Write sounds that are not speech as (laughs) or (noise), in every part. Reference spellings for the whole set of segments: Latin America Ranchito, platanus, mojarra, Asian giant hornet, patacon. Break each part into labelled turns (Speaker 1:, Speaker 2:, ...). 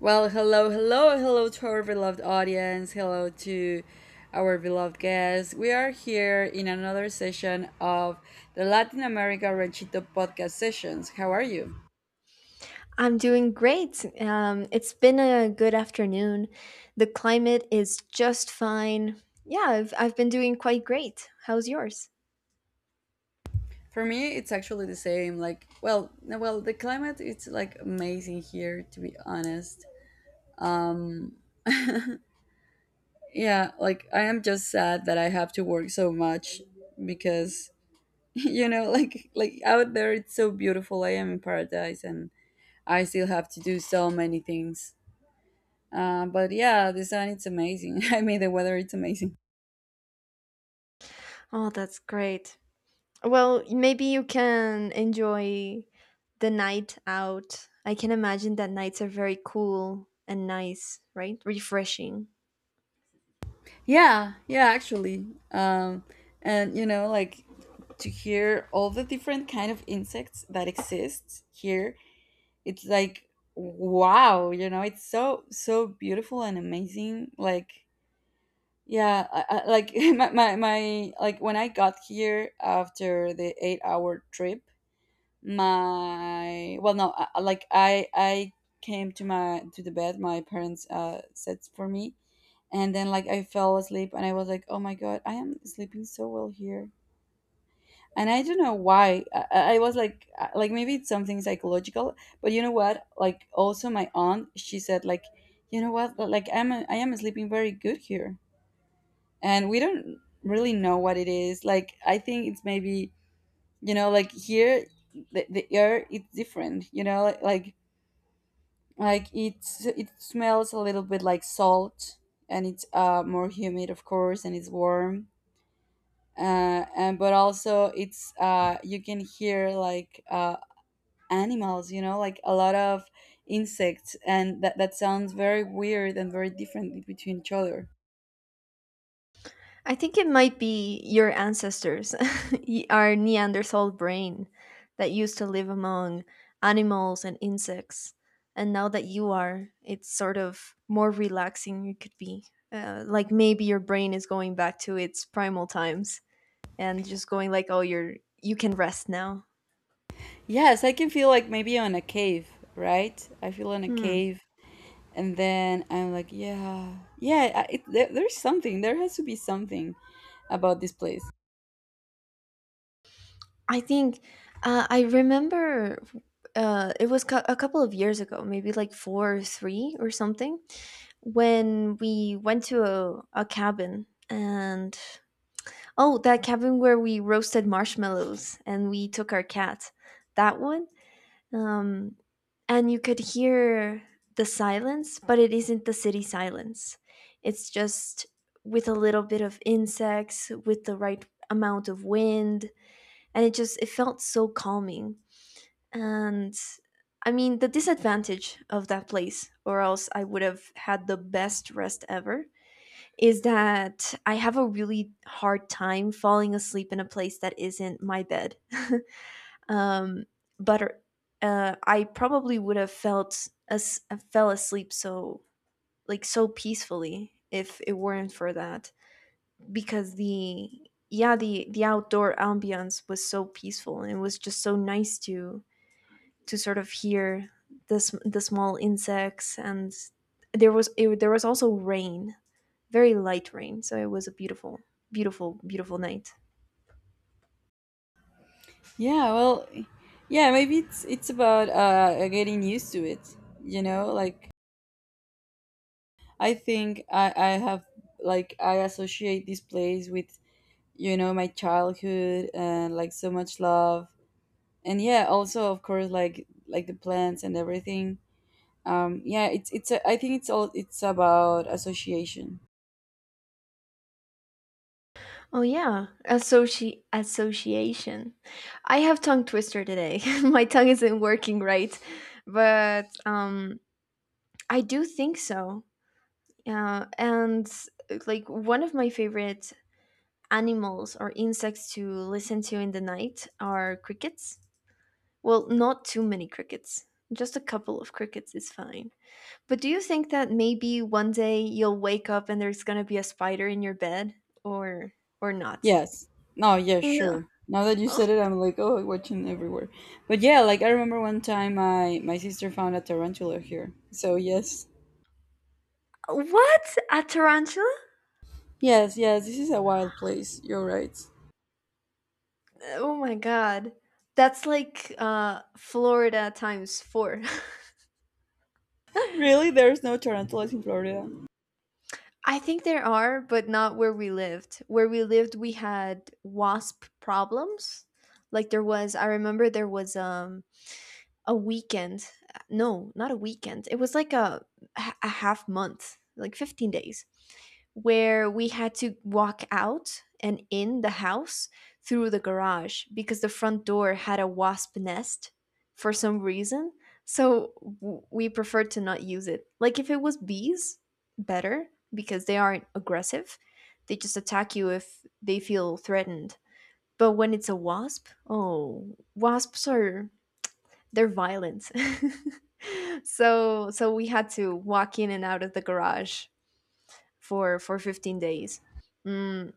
Speaker 1: Well, hello, hello, hello to our beloved audience. Hello to our beloved guests. We are here in another session of the Latin America Ranchito podcast sessions. How are you?
Speaker 2: I'm doing great. It's been a good afternoon. The climate is just fine. Yeah, I've been doing quite great. How's yours?
Speaker 1: For me, it's actually the same. Like, well, no, well, the climate it's like amazing here, to be honest. Um, yeah, like I am just sad that I have to work so much because (laughs) you know, like out there it's so beautiful. I am in paradise and I still have to do so many things. But yeah, the sun it's amazing. (laughs) I mean, the weather it's amazing.
Speaker 2: Oh, that's great. Well, maybe you can enjoy the night out. I can imagine that nights are very cool and nice, right? Refreshing.
Speaker 1: Yeah, yeah, actually, um, and you know, like to hear all the different kind of insects that exist here, it's like wow, you know, it's so beautiful and amazing. Like yeah, like (laughs) my like when I got here after the 8-hour trip, my well no I came to my to the bed my parents set for me, and then like I fell asleep and I was like, oh my god, I am sleeping so well here, and I don't know why I was like maybe it's something psychological. But you know what, like also my aunt she said like, you know what, like I am sleeping very good here, and we don't really know what it is. Like I think it's maybe, you know, like here the air is different, you know, like it's it smells a little bit like salt, and it's more humid of course, and it's warm, and but also it's you can hear like animals, you know, like a lot of insects, and that sounds very weird and very different between each other.
Speaker 2: I think it might be your ancestors, (laughs) our Neanderthal brain that used to live among animals and insects. And now that you are, it's sort of more relaxing it could be. Like maybe your brain is going back to its primal times and just going like, oh, you're you can rest now.
Speaker 1: Yes, I can feel like maybe on a cave, right? I feel on a
Speaker 2: Hmm.
Speaker 1: cave, and then I'm like, yeah, yeah, there's something. There has to be something about this place.
Speaker 2: I think I remember it was a couple of years ago, maybe like four or three or something when we went to a cabin. And oh, that cabin where we roasted marshmallows and we took our cat, that one. um and you could hear the silence, but it isn't the city silence. It's just with a little bit of insects, with the right amount of wind, and it just it felt so calming. And I mean, the disadvantage of that place, or else I would have had the best rest ever, is that I have a really hard time falling asleep in a place that isn't my bed. (laughs) um, but I probably would have felt as fell asleep so like so peacefully if it weren't for that. Because the yeah, the outdoor ambience was so peaceful, and it was just so nice to sort of hear the, the small insects. And there was also rain, very light rain, so it was a beautiful beautiful night.
Speaker 1: Yeah, well, yeah, maybe it's about getting used to it, you know, like I think I have, like I associate this place with, you know, my childhood and like so much love. And yeah, also of course like the plants and everything. Yeah, I think it's all it's about association.
Speaker 2: Oh yeah, association. I have tongue twister today. (laughs) My tongue isn't working right, but I do think so. And like one of my favorite animals or insects to listen to in the night are crickets. Well, not too many crickets, just a couple of crickets is fine. But do you think that maybe one day you'll wake up and there's gonna be a spider in your bed, or or not?
Speaker 1: Yes. No, yeah,
Speaker 2: No.
Speaker 1: sure. Now that you
Speaker 2: Oh,
Speaker 1: said it, I'm like, oh, watching everywhere. But yeah, like I remember one time I my sister found a tarantula here. So yes.
Speaker 2: what? A tarantula?
Speaker 1: Yes, yes, this is a wild place. You're right.
Speaker 2: Oh my god. That's like Florida times 4. (laughs)
Speaker 1: Really? There's no tarantulas in Florida.
Speaker 2: I think there are, but not where we lived. Where we lived we had wasp problems. Like there was I remember there was a weekend. No, not a weekend. It was like a half month, like 15 days, where we had to walk out and in the house through the garage because the front door had a wasp nest for some reason. So we preferred to not use it. Like if it was bees, better, because they aren't aggressive. They just attack you if they feel threatened. But when it's a wasp, oh, wasps are they're violent. (laughs) So we had to walk in and out of the garage for 15 days. Mm,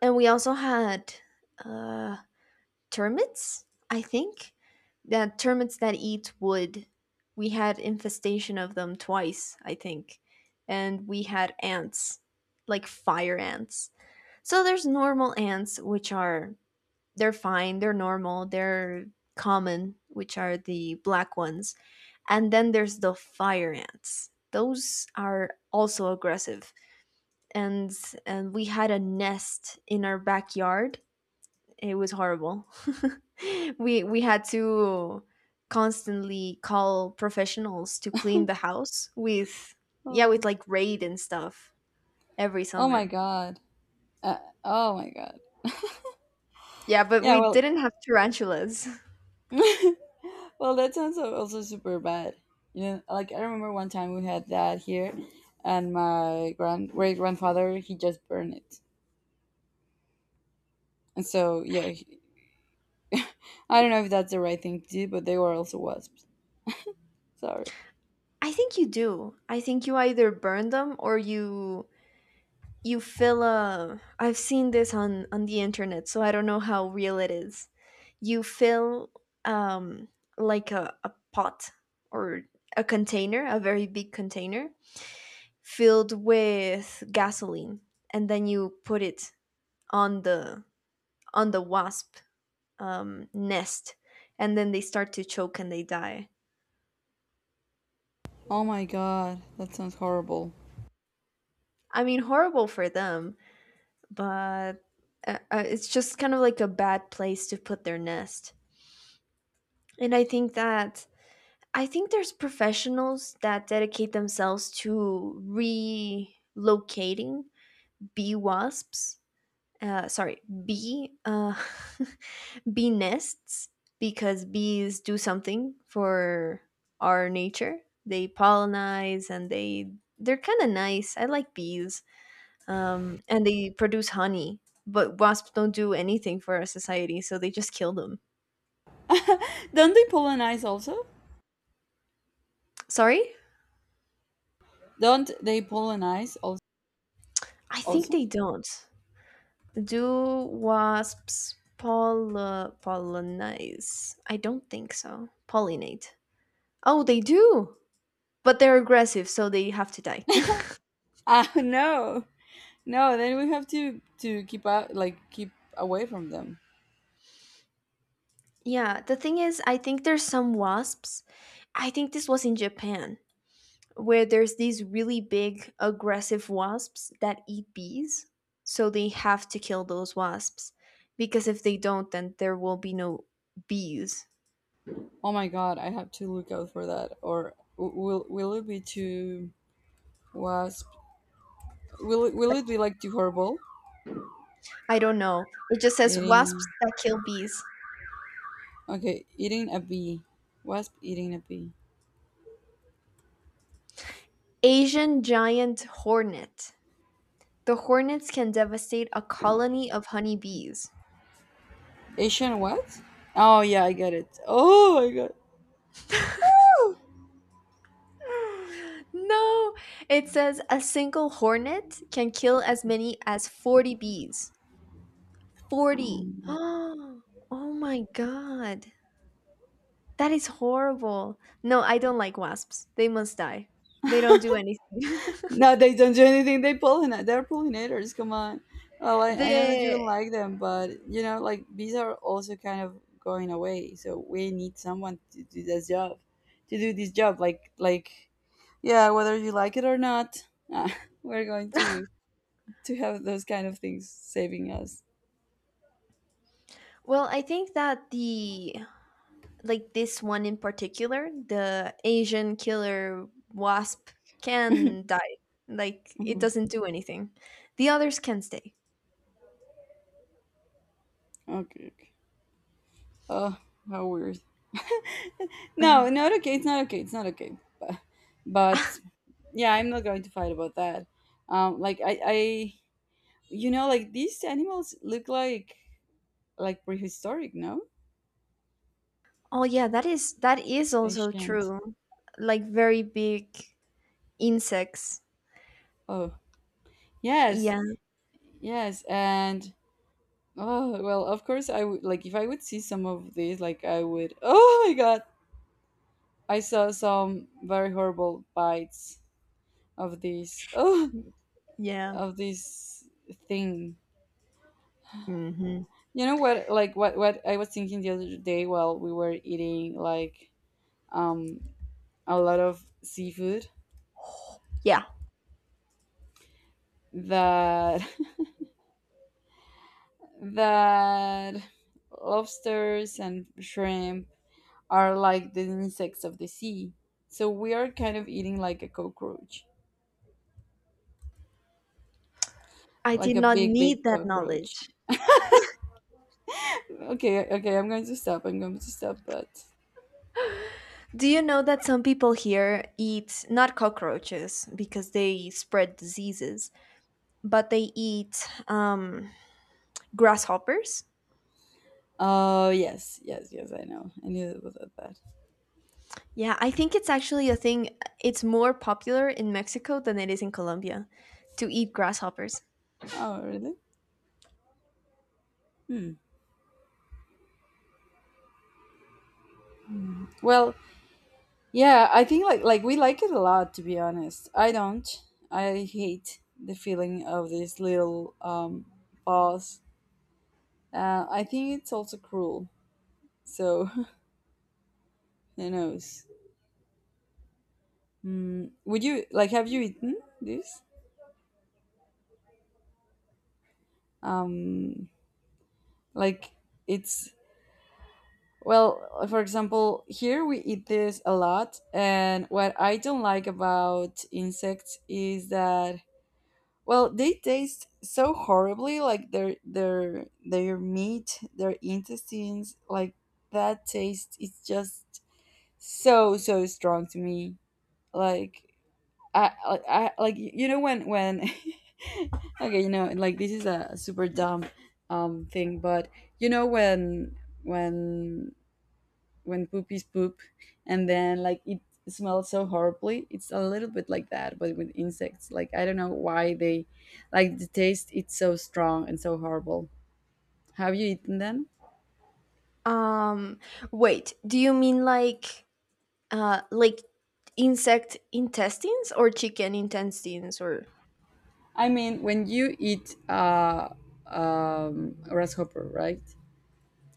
Speaker 2: and we also had uh, termites, I think. The termites that eat wood. We had infestation of them twice, I think. And we had ants, like fire ants. So there's normal ants, which are they're fine, they're normal, they're common, which are the black ones. And then there's the fire ants. Those are also aggressive. And and we had a nest in our backyard. It was horrible. (laughs) We had to constantly call professionals to clean the house with yeah, with
Speaker 1: Oh.
Speaker 2: like Raid and stuff every
Speaker 1: Oh my
Speaker 2: summer.
Speaker 1: god. Oh my god.
Speaker 2: Yeah, but
Speaker 1: Yeah,
Speaker 2: we
Speaker 1: well.
Speaker 2: didn't have tarantulas.
Speaker 1: (laughs) Well, that sounds also super bad. You know, like I remember one time we had that here, and my grand great grandfather he just burned it. And so yeah, I don't know if that's the right thing to do, but they were also wasps. Sorry.
Speaker 2: (laughs) I think you do. I think you either burn them, or you fill a I've seen this on the internet, so I don't know how real it is. You fill um like a pot, or a container, a very big container, filled with gasoline, and then you put it on the on the wasp nest, and then they start to choke and they die.
Speaker 1: Oh my god, that sounds horrible.
Speaker 2: I mean, horrible for them, but it's just kind of like a bad place to put their nest. And I think that I think there's professionals that dedicate themselves to relocating bee wasps. Sorry, bee (laughs) bee nests, because bees do something for our nature. They pollinize and they they're kind of nice. I like bees, and they produce honey. But wasps don't do anything for our society, so they just kill them.
Speaker 1: (laughs) Don't they polonize also?
Speaker 2: Sorry,
Speaker 1: Don't they polonize also?
Speaker 2: I think
Speaker 1: Also?
Speaker 2: they
Speaker 1: (laughs)
Speaker 2: don't. Do wasps pollinize? I don't think so. Pollinate. Oh, they do! But they're aggressive, so they have to die.
Speaker 1: Ah, no, no. Then we have to keep out, like keep away from them.
Speaker 2: (laughs) Yeah, the thing is, I think there's some wasps. I think this was in Japan, where there's these really big, aggressive wasps that eat bees. So they have to kill those wasps. Because if they don't, then there will be no bees.
Speaker 1: Oh my god, I have to look out for that, or will it be too wasp? Will will
Speaker 2: That-
Speaker 1: it be like too horrible?
Speaker 2: I don't know. It just says
Speaker 1: Eating.
Speaker 2: wasps that kill bees.
Speaker 1: Okay, eating a bee. Wasp eating a bee.
Speaker 2: Asian giant hornet. The hornets can devastate a colony of honeybees. (sighs)
Speaker 1: Asian what? Oh yeah, I get it. Oh my god.
Speaker 2: (gasps) No, it says a single hornet can kill as many as 40 bees. 40. (gasps)
Speaker 1: Um,
Speaker 2: Oh, oh my God. That is horrible. No, I don't like wasps. They must die. They don't do anything.
Speaker 1: No, they don't do anything. They pollinate. They're pollinators. Come on. Well,
Speaker 2: (laughs)
Speaker 1: I know that you don't
Speaker 2: the
Speaker 1: like them, but you know, like bees are also kind of going away. So we need someone to do this job, like yeah, whether you like it or not, (laughs) we're going to have those kind of things saving us.
Speaker 2: I think that the like this one in particular, the Asian killer wasp can die. Like it
Speaker 1: Hmm.
Speaker 2: doesn't do anything. The others can stay. (laughs)
Speaker 1: Okay. Oh, how weird. (laughs)
Speaker 2: Yeah.
Speaker 1: No, not okay. It's not okay. It's not okay. But yeah, I'm not going to fight about that. Um, like I, I, you know, like these animals look like prehistoric, no?
Speaker 2: Oh yeah, that is also
Speaker 1: Ancient.
Speaker 2: true. Like very big insects.
Speaker 1: Oh, yes,
Speaker 2: Yeah.
Speaker 1: yes, and oh well, of course I would like if I would see some of these, like I would. Oh my god, I saw some very horrible bites of these. Oh,
Speaker 2: Yeah.
Speaker 1: of this thing.
Speaker 2: Hmm.
Speaker 1: You know what? Like what I was thinking the other day while we were eating like um a lot of seafood,
Speaker 2: Yeah.
Speaker 1: that (laughs) that lobsters and shrimp are like the insects of the sea. So we are kind of eating like a cockroach,
Speaker 2: I
Speaker 1: like
Speaker 2: did
Speaker 1: a
Speaker 2: not
Speaker 1: big
Speaker 2: need that
Speaker 1: cockroach.
Speaker 2: knowledge.
Speaker 1: Okay, okay, I'm going to stop. I'm going to stop, but
Speaker 2: Do you know that some people here eat not cockroaches, because they spread diseases, but they eat um, grasshoppers?
Speaker 1: oh, yes, yes, yes, I know. I knew it was that bad.
Speaker 2: Yeah, I think it's actually a thing. It's more popular in Mexico than it is in Colombia to eat grasshoppers.
Speaker 1: Oh, really? Hmm. Well, yeah, I think like we like it a lot, to be honest. I don't. I hate the feeling of this little pause. I think it's also cruel. So (laughs) who knows? Mm, would you like have you eaten this? Um, like it's well, for example, here we eat this a lot, and what I don't like about insects is that well, they taste so horribly, like their meat, their intestines, like that taste is just so strong to me. Like I like, you know, when (laughs) okay, you know, like this is a super dumb thing, but you know when poop is poop and then like it smells so horribly, it's a little bit like that, but with insects, like I don't know why they like the taste it's so strong and so horrible. Have you eaten them?
Speaker 2: Um, Wait, do you mean like insect intestines or chicken intestines or
Speaker 1: I mean, when you eat grasshopper, right?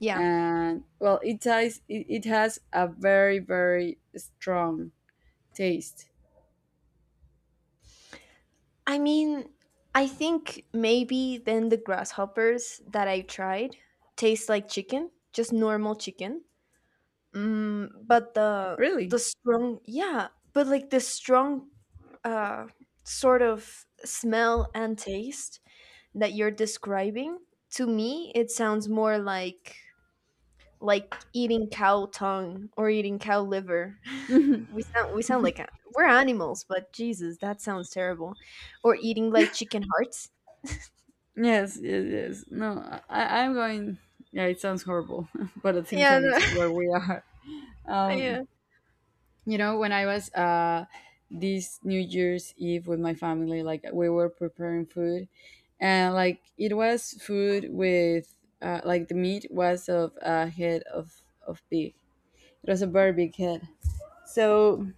Speaker 2: yeah.
Speaker 1: And well it has it has a very very strong taste.
Speaker 2: I mean, I think maybe then the grasshoppers that I tried taste like chicken, just normal chicken. Mm, but
Speaker 1: Really?
Speaker 2: the strong yeah, but like the strong uh sort of smell and taste that you're describing, to me it sounds more like eating cow tongue or eating cow liver. (laughs) We sound like we're animals, but jesus that sounds terrible. Or eating like chicken hearts.
Speaker 1: Yes no I I'm going, yeah it sounds horrible. (laughs) But at the same
Speaker 2: Yeah,
Speaker 1: time, it's
Speaker 2: no,
Speaker 1: where we are.
Speaker 2: (laughs)
Speaker 1: Um,
Speaker 2: yeah,
Speaker 1: you know, when I was this New Year's Eve with my family, like we were preparing food, and like it was food with like the meat was of a head of pig. It was a very big head. So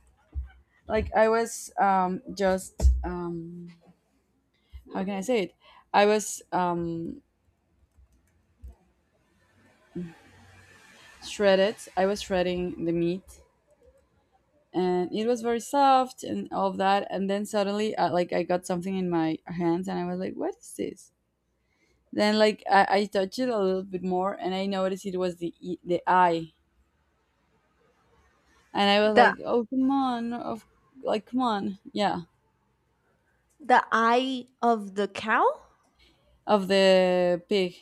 Speaker 1: like I was just how can I say it? I was shredded. I was shredding the meat, and it was very soft and all of that, and then suddenly like I got something in my hands and I was like, what is this? Then I touched it a little bit more and I noticed it was the eye, and I was
Speaker 2: the
Speaker 1: like, oh come on, of, like, come on, yeah,
Speaker 2: the eye of the cow.
Speaker 1: of the pig.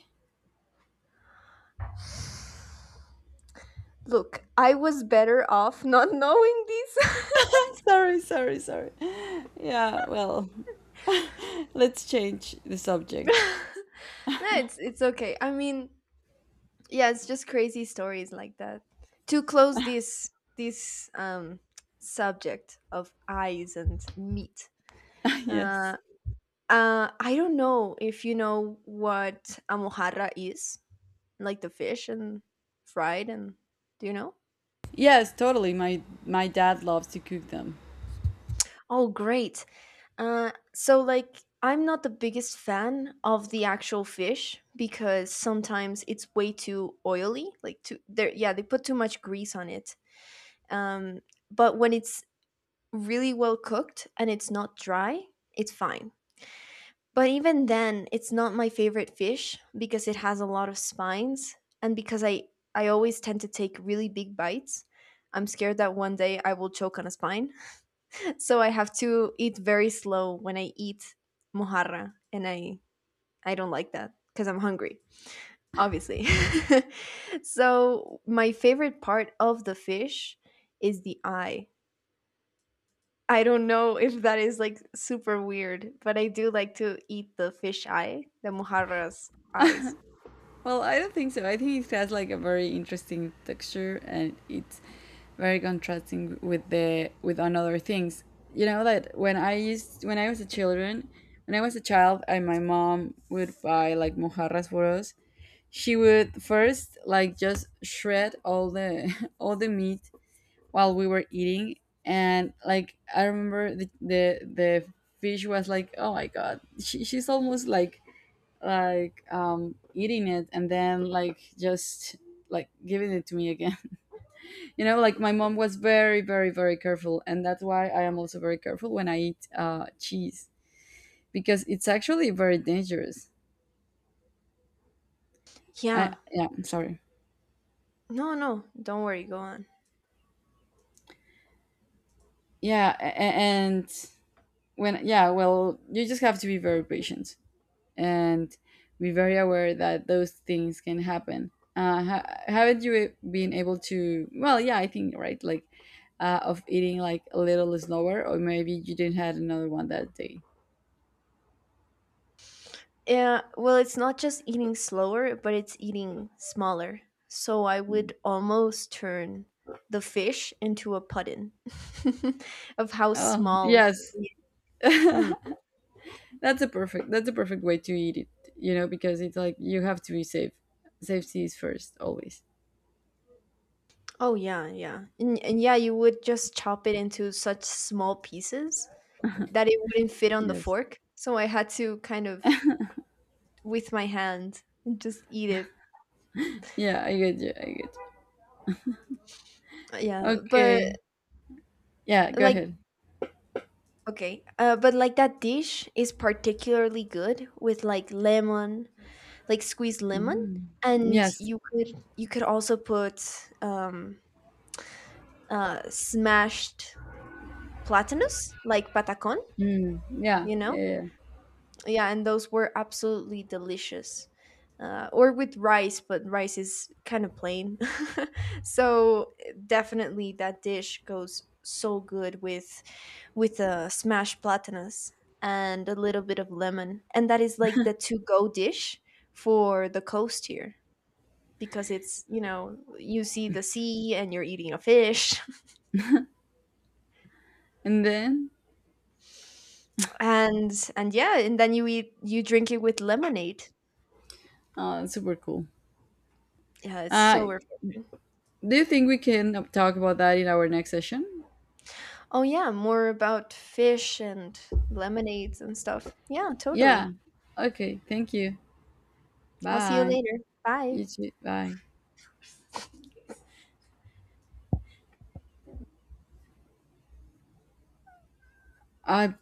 Speaker 2: Look, I was better off not (laughs) knowing this.
Speaker 1: (laughs) Sorry, sorry, sorry. Yeah, well, let's change the subject.
Speaker 2: (laughs) No, it's okay. I mean, yeah, it's just crazy stories like that. To close this this subject of eyes and meat.
Speaker 1: (laughs) Yes,
Speaker 2: Uh, I don't know if you know what a mojarra is, like the fish and fried and do you know?
Speaker 1: yes, totally, my dad loves to cook them.
Speaker 2: Oh, great. So like I'm not the biggest fan of the actual fish because sometimes it's way too oily. Like too there yeah, they put too much grease on it. Um, but when it's really well cooked and it's not dry, it's fine. But even then, it's not my favorite fish, because it has a lot of spines, and because I always tend to take really big bites. I'm scared that one day I will choke on a spine. So I have to eat very slow when I eat mojarra, and I don't like that because I'm hungry, obviously. (laughs) So my favorite part of the fish is the eye. I don't know (laughs) if that is like super weird, but I do like to eat the fish eye, the mojarra's eyes.
Speaker 1: Well, I don't think so. I think it has like a very interesting texture, and it's very contrasting with the with another things. You know that when I used when I was a children, when I was a child and my mom would buy like mojarras for us, she would first like just shred all the (laughs) all the meat while we were eating, and like I remember the fish was like, "Oh my god." She, she's almost like eating it and then like just like giving it to me again. (laughs) You know, like my mom was very very very careful, and that's why I am also very careful when I eat cheese, because it's actually very dangerous. I,
Speaker 2: Yeah.
Speaker 1: yeah, I'm sorry.
Speaker 2: No, no, don't worry, go on.
Speaker 1: Yeah, and when, yeah, well, you just have to be very patient and be very aware that those things can happen. Haven't you been able to? Well, yeah, I think right, like of eating like a little slower, or maybe you didn't had another one that day.
Speaker 2: Yeah, well, it's not just eating slower, but it's eating smaller. So I would almost turn the fish into a puddin (laughs) of how
Speaker 1: Oh
Speaker 2: small.
Speaker 1: yes, (laughs)
Speaker 2: Hmm.
Speaker 1: that's that's a perfect way to eat it. You know, because it's like you have to be safe. Safety is first always.
Speaker 2: Oh yeah, yeah, and yeah, you would just chop it into such small pieces that it wouldn't fit on the
Speaker 1: Yes.
Speaker 2: fork. So I had to kind of with my hand just eat it.
Speaker 1: Yeah, I get you. I get you.
Speaker 2: Yeah, but
Speaker 1: Okay. Yeah, go
Speaker 2: like
Speaker 1: ahead.
Speaker 2: okay, but like that dish is particularly good with like lemon, like squeezed lemon,
Speaker 1: Mm.
Speaker 2: and
Speaker 1: Yes.
Speaker 2: you could also put um, smashed platanus, like patacon,
Speaker 1: Mm. Yeah.
Speaker 2: you
Speaker 1: Yeah.
Speaker 2: know?
Speaker 1: Yeah.
Speaker 2: Yeah, and those were absolutely delicious. Or with rice, but rice is kind of plain. (laughs) So definitely that dish goes so good with a smashed platanus and a little bit of lemon. And that is like the to go dish for the coast here. Because it's you know you see the sea and you're eating a fish.
Speaker 1: And then.
Speaker 2: (laughs) And yeah, and then you eat you drink it with lemonade.
Speaker 1: Oh, that's super cool.
Speaker 2: Yeah, it's
Speaker 1: Uh,
Speaker 2: so refreshing.
Speaker 1: do you think we can talk about that in our next session?
Speaker 2: Oh yeah, more about fish and lemonades and stuff, yeah, totally.
Speaker 1: Yeah. Okay. Thank you.
Speaker 2: I'll see you
Speaker 1: Bye.
Speaker 2: later, bye.
Speaker 1: You too. Bye. I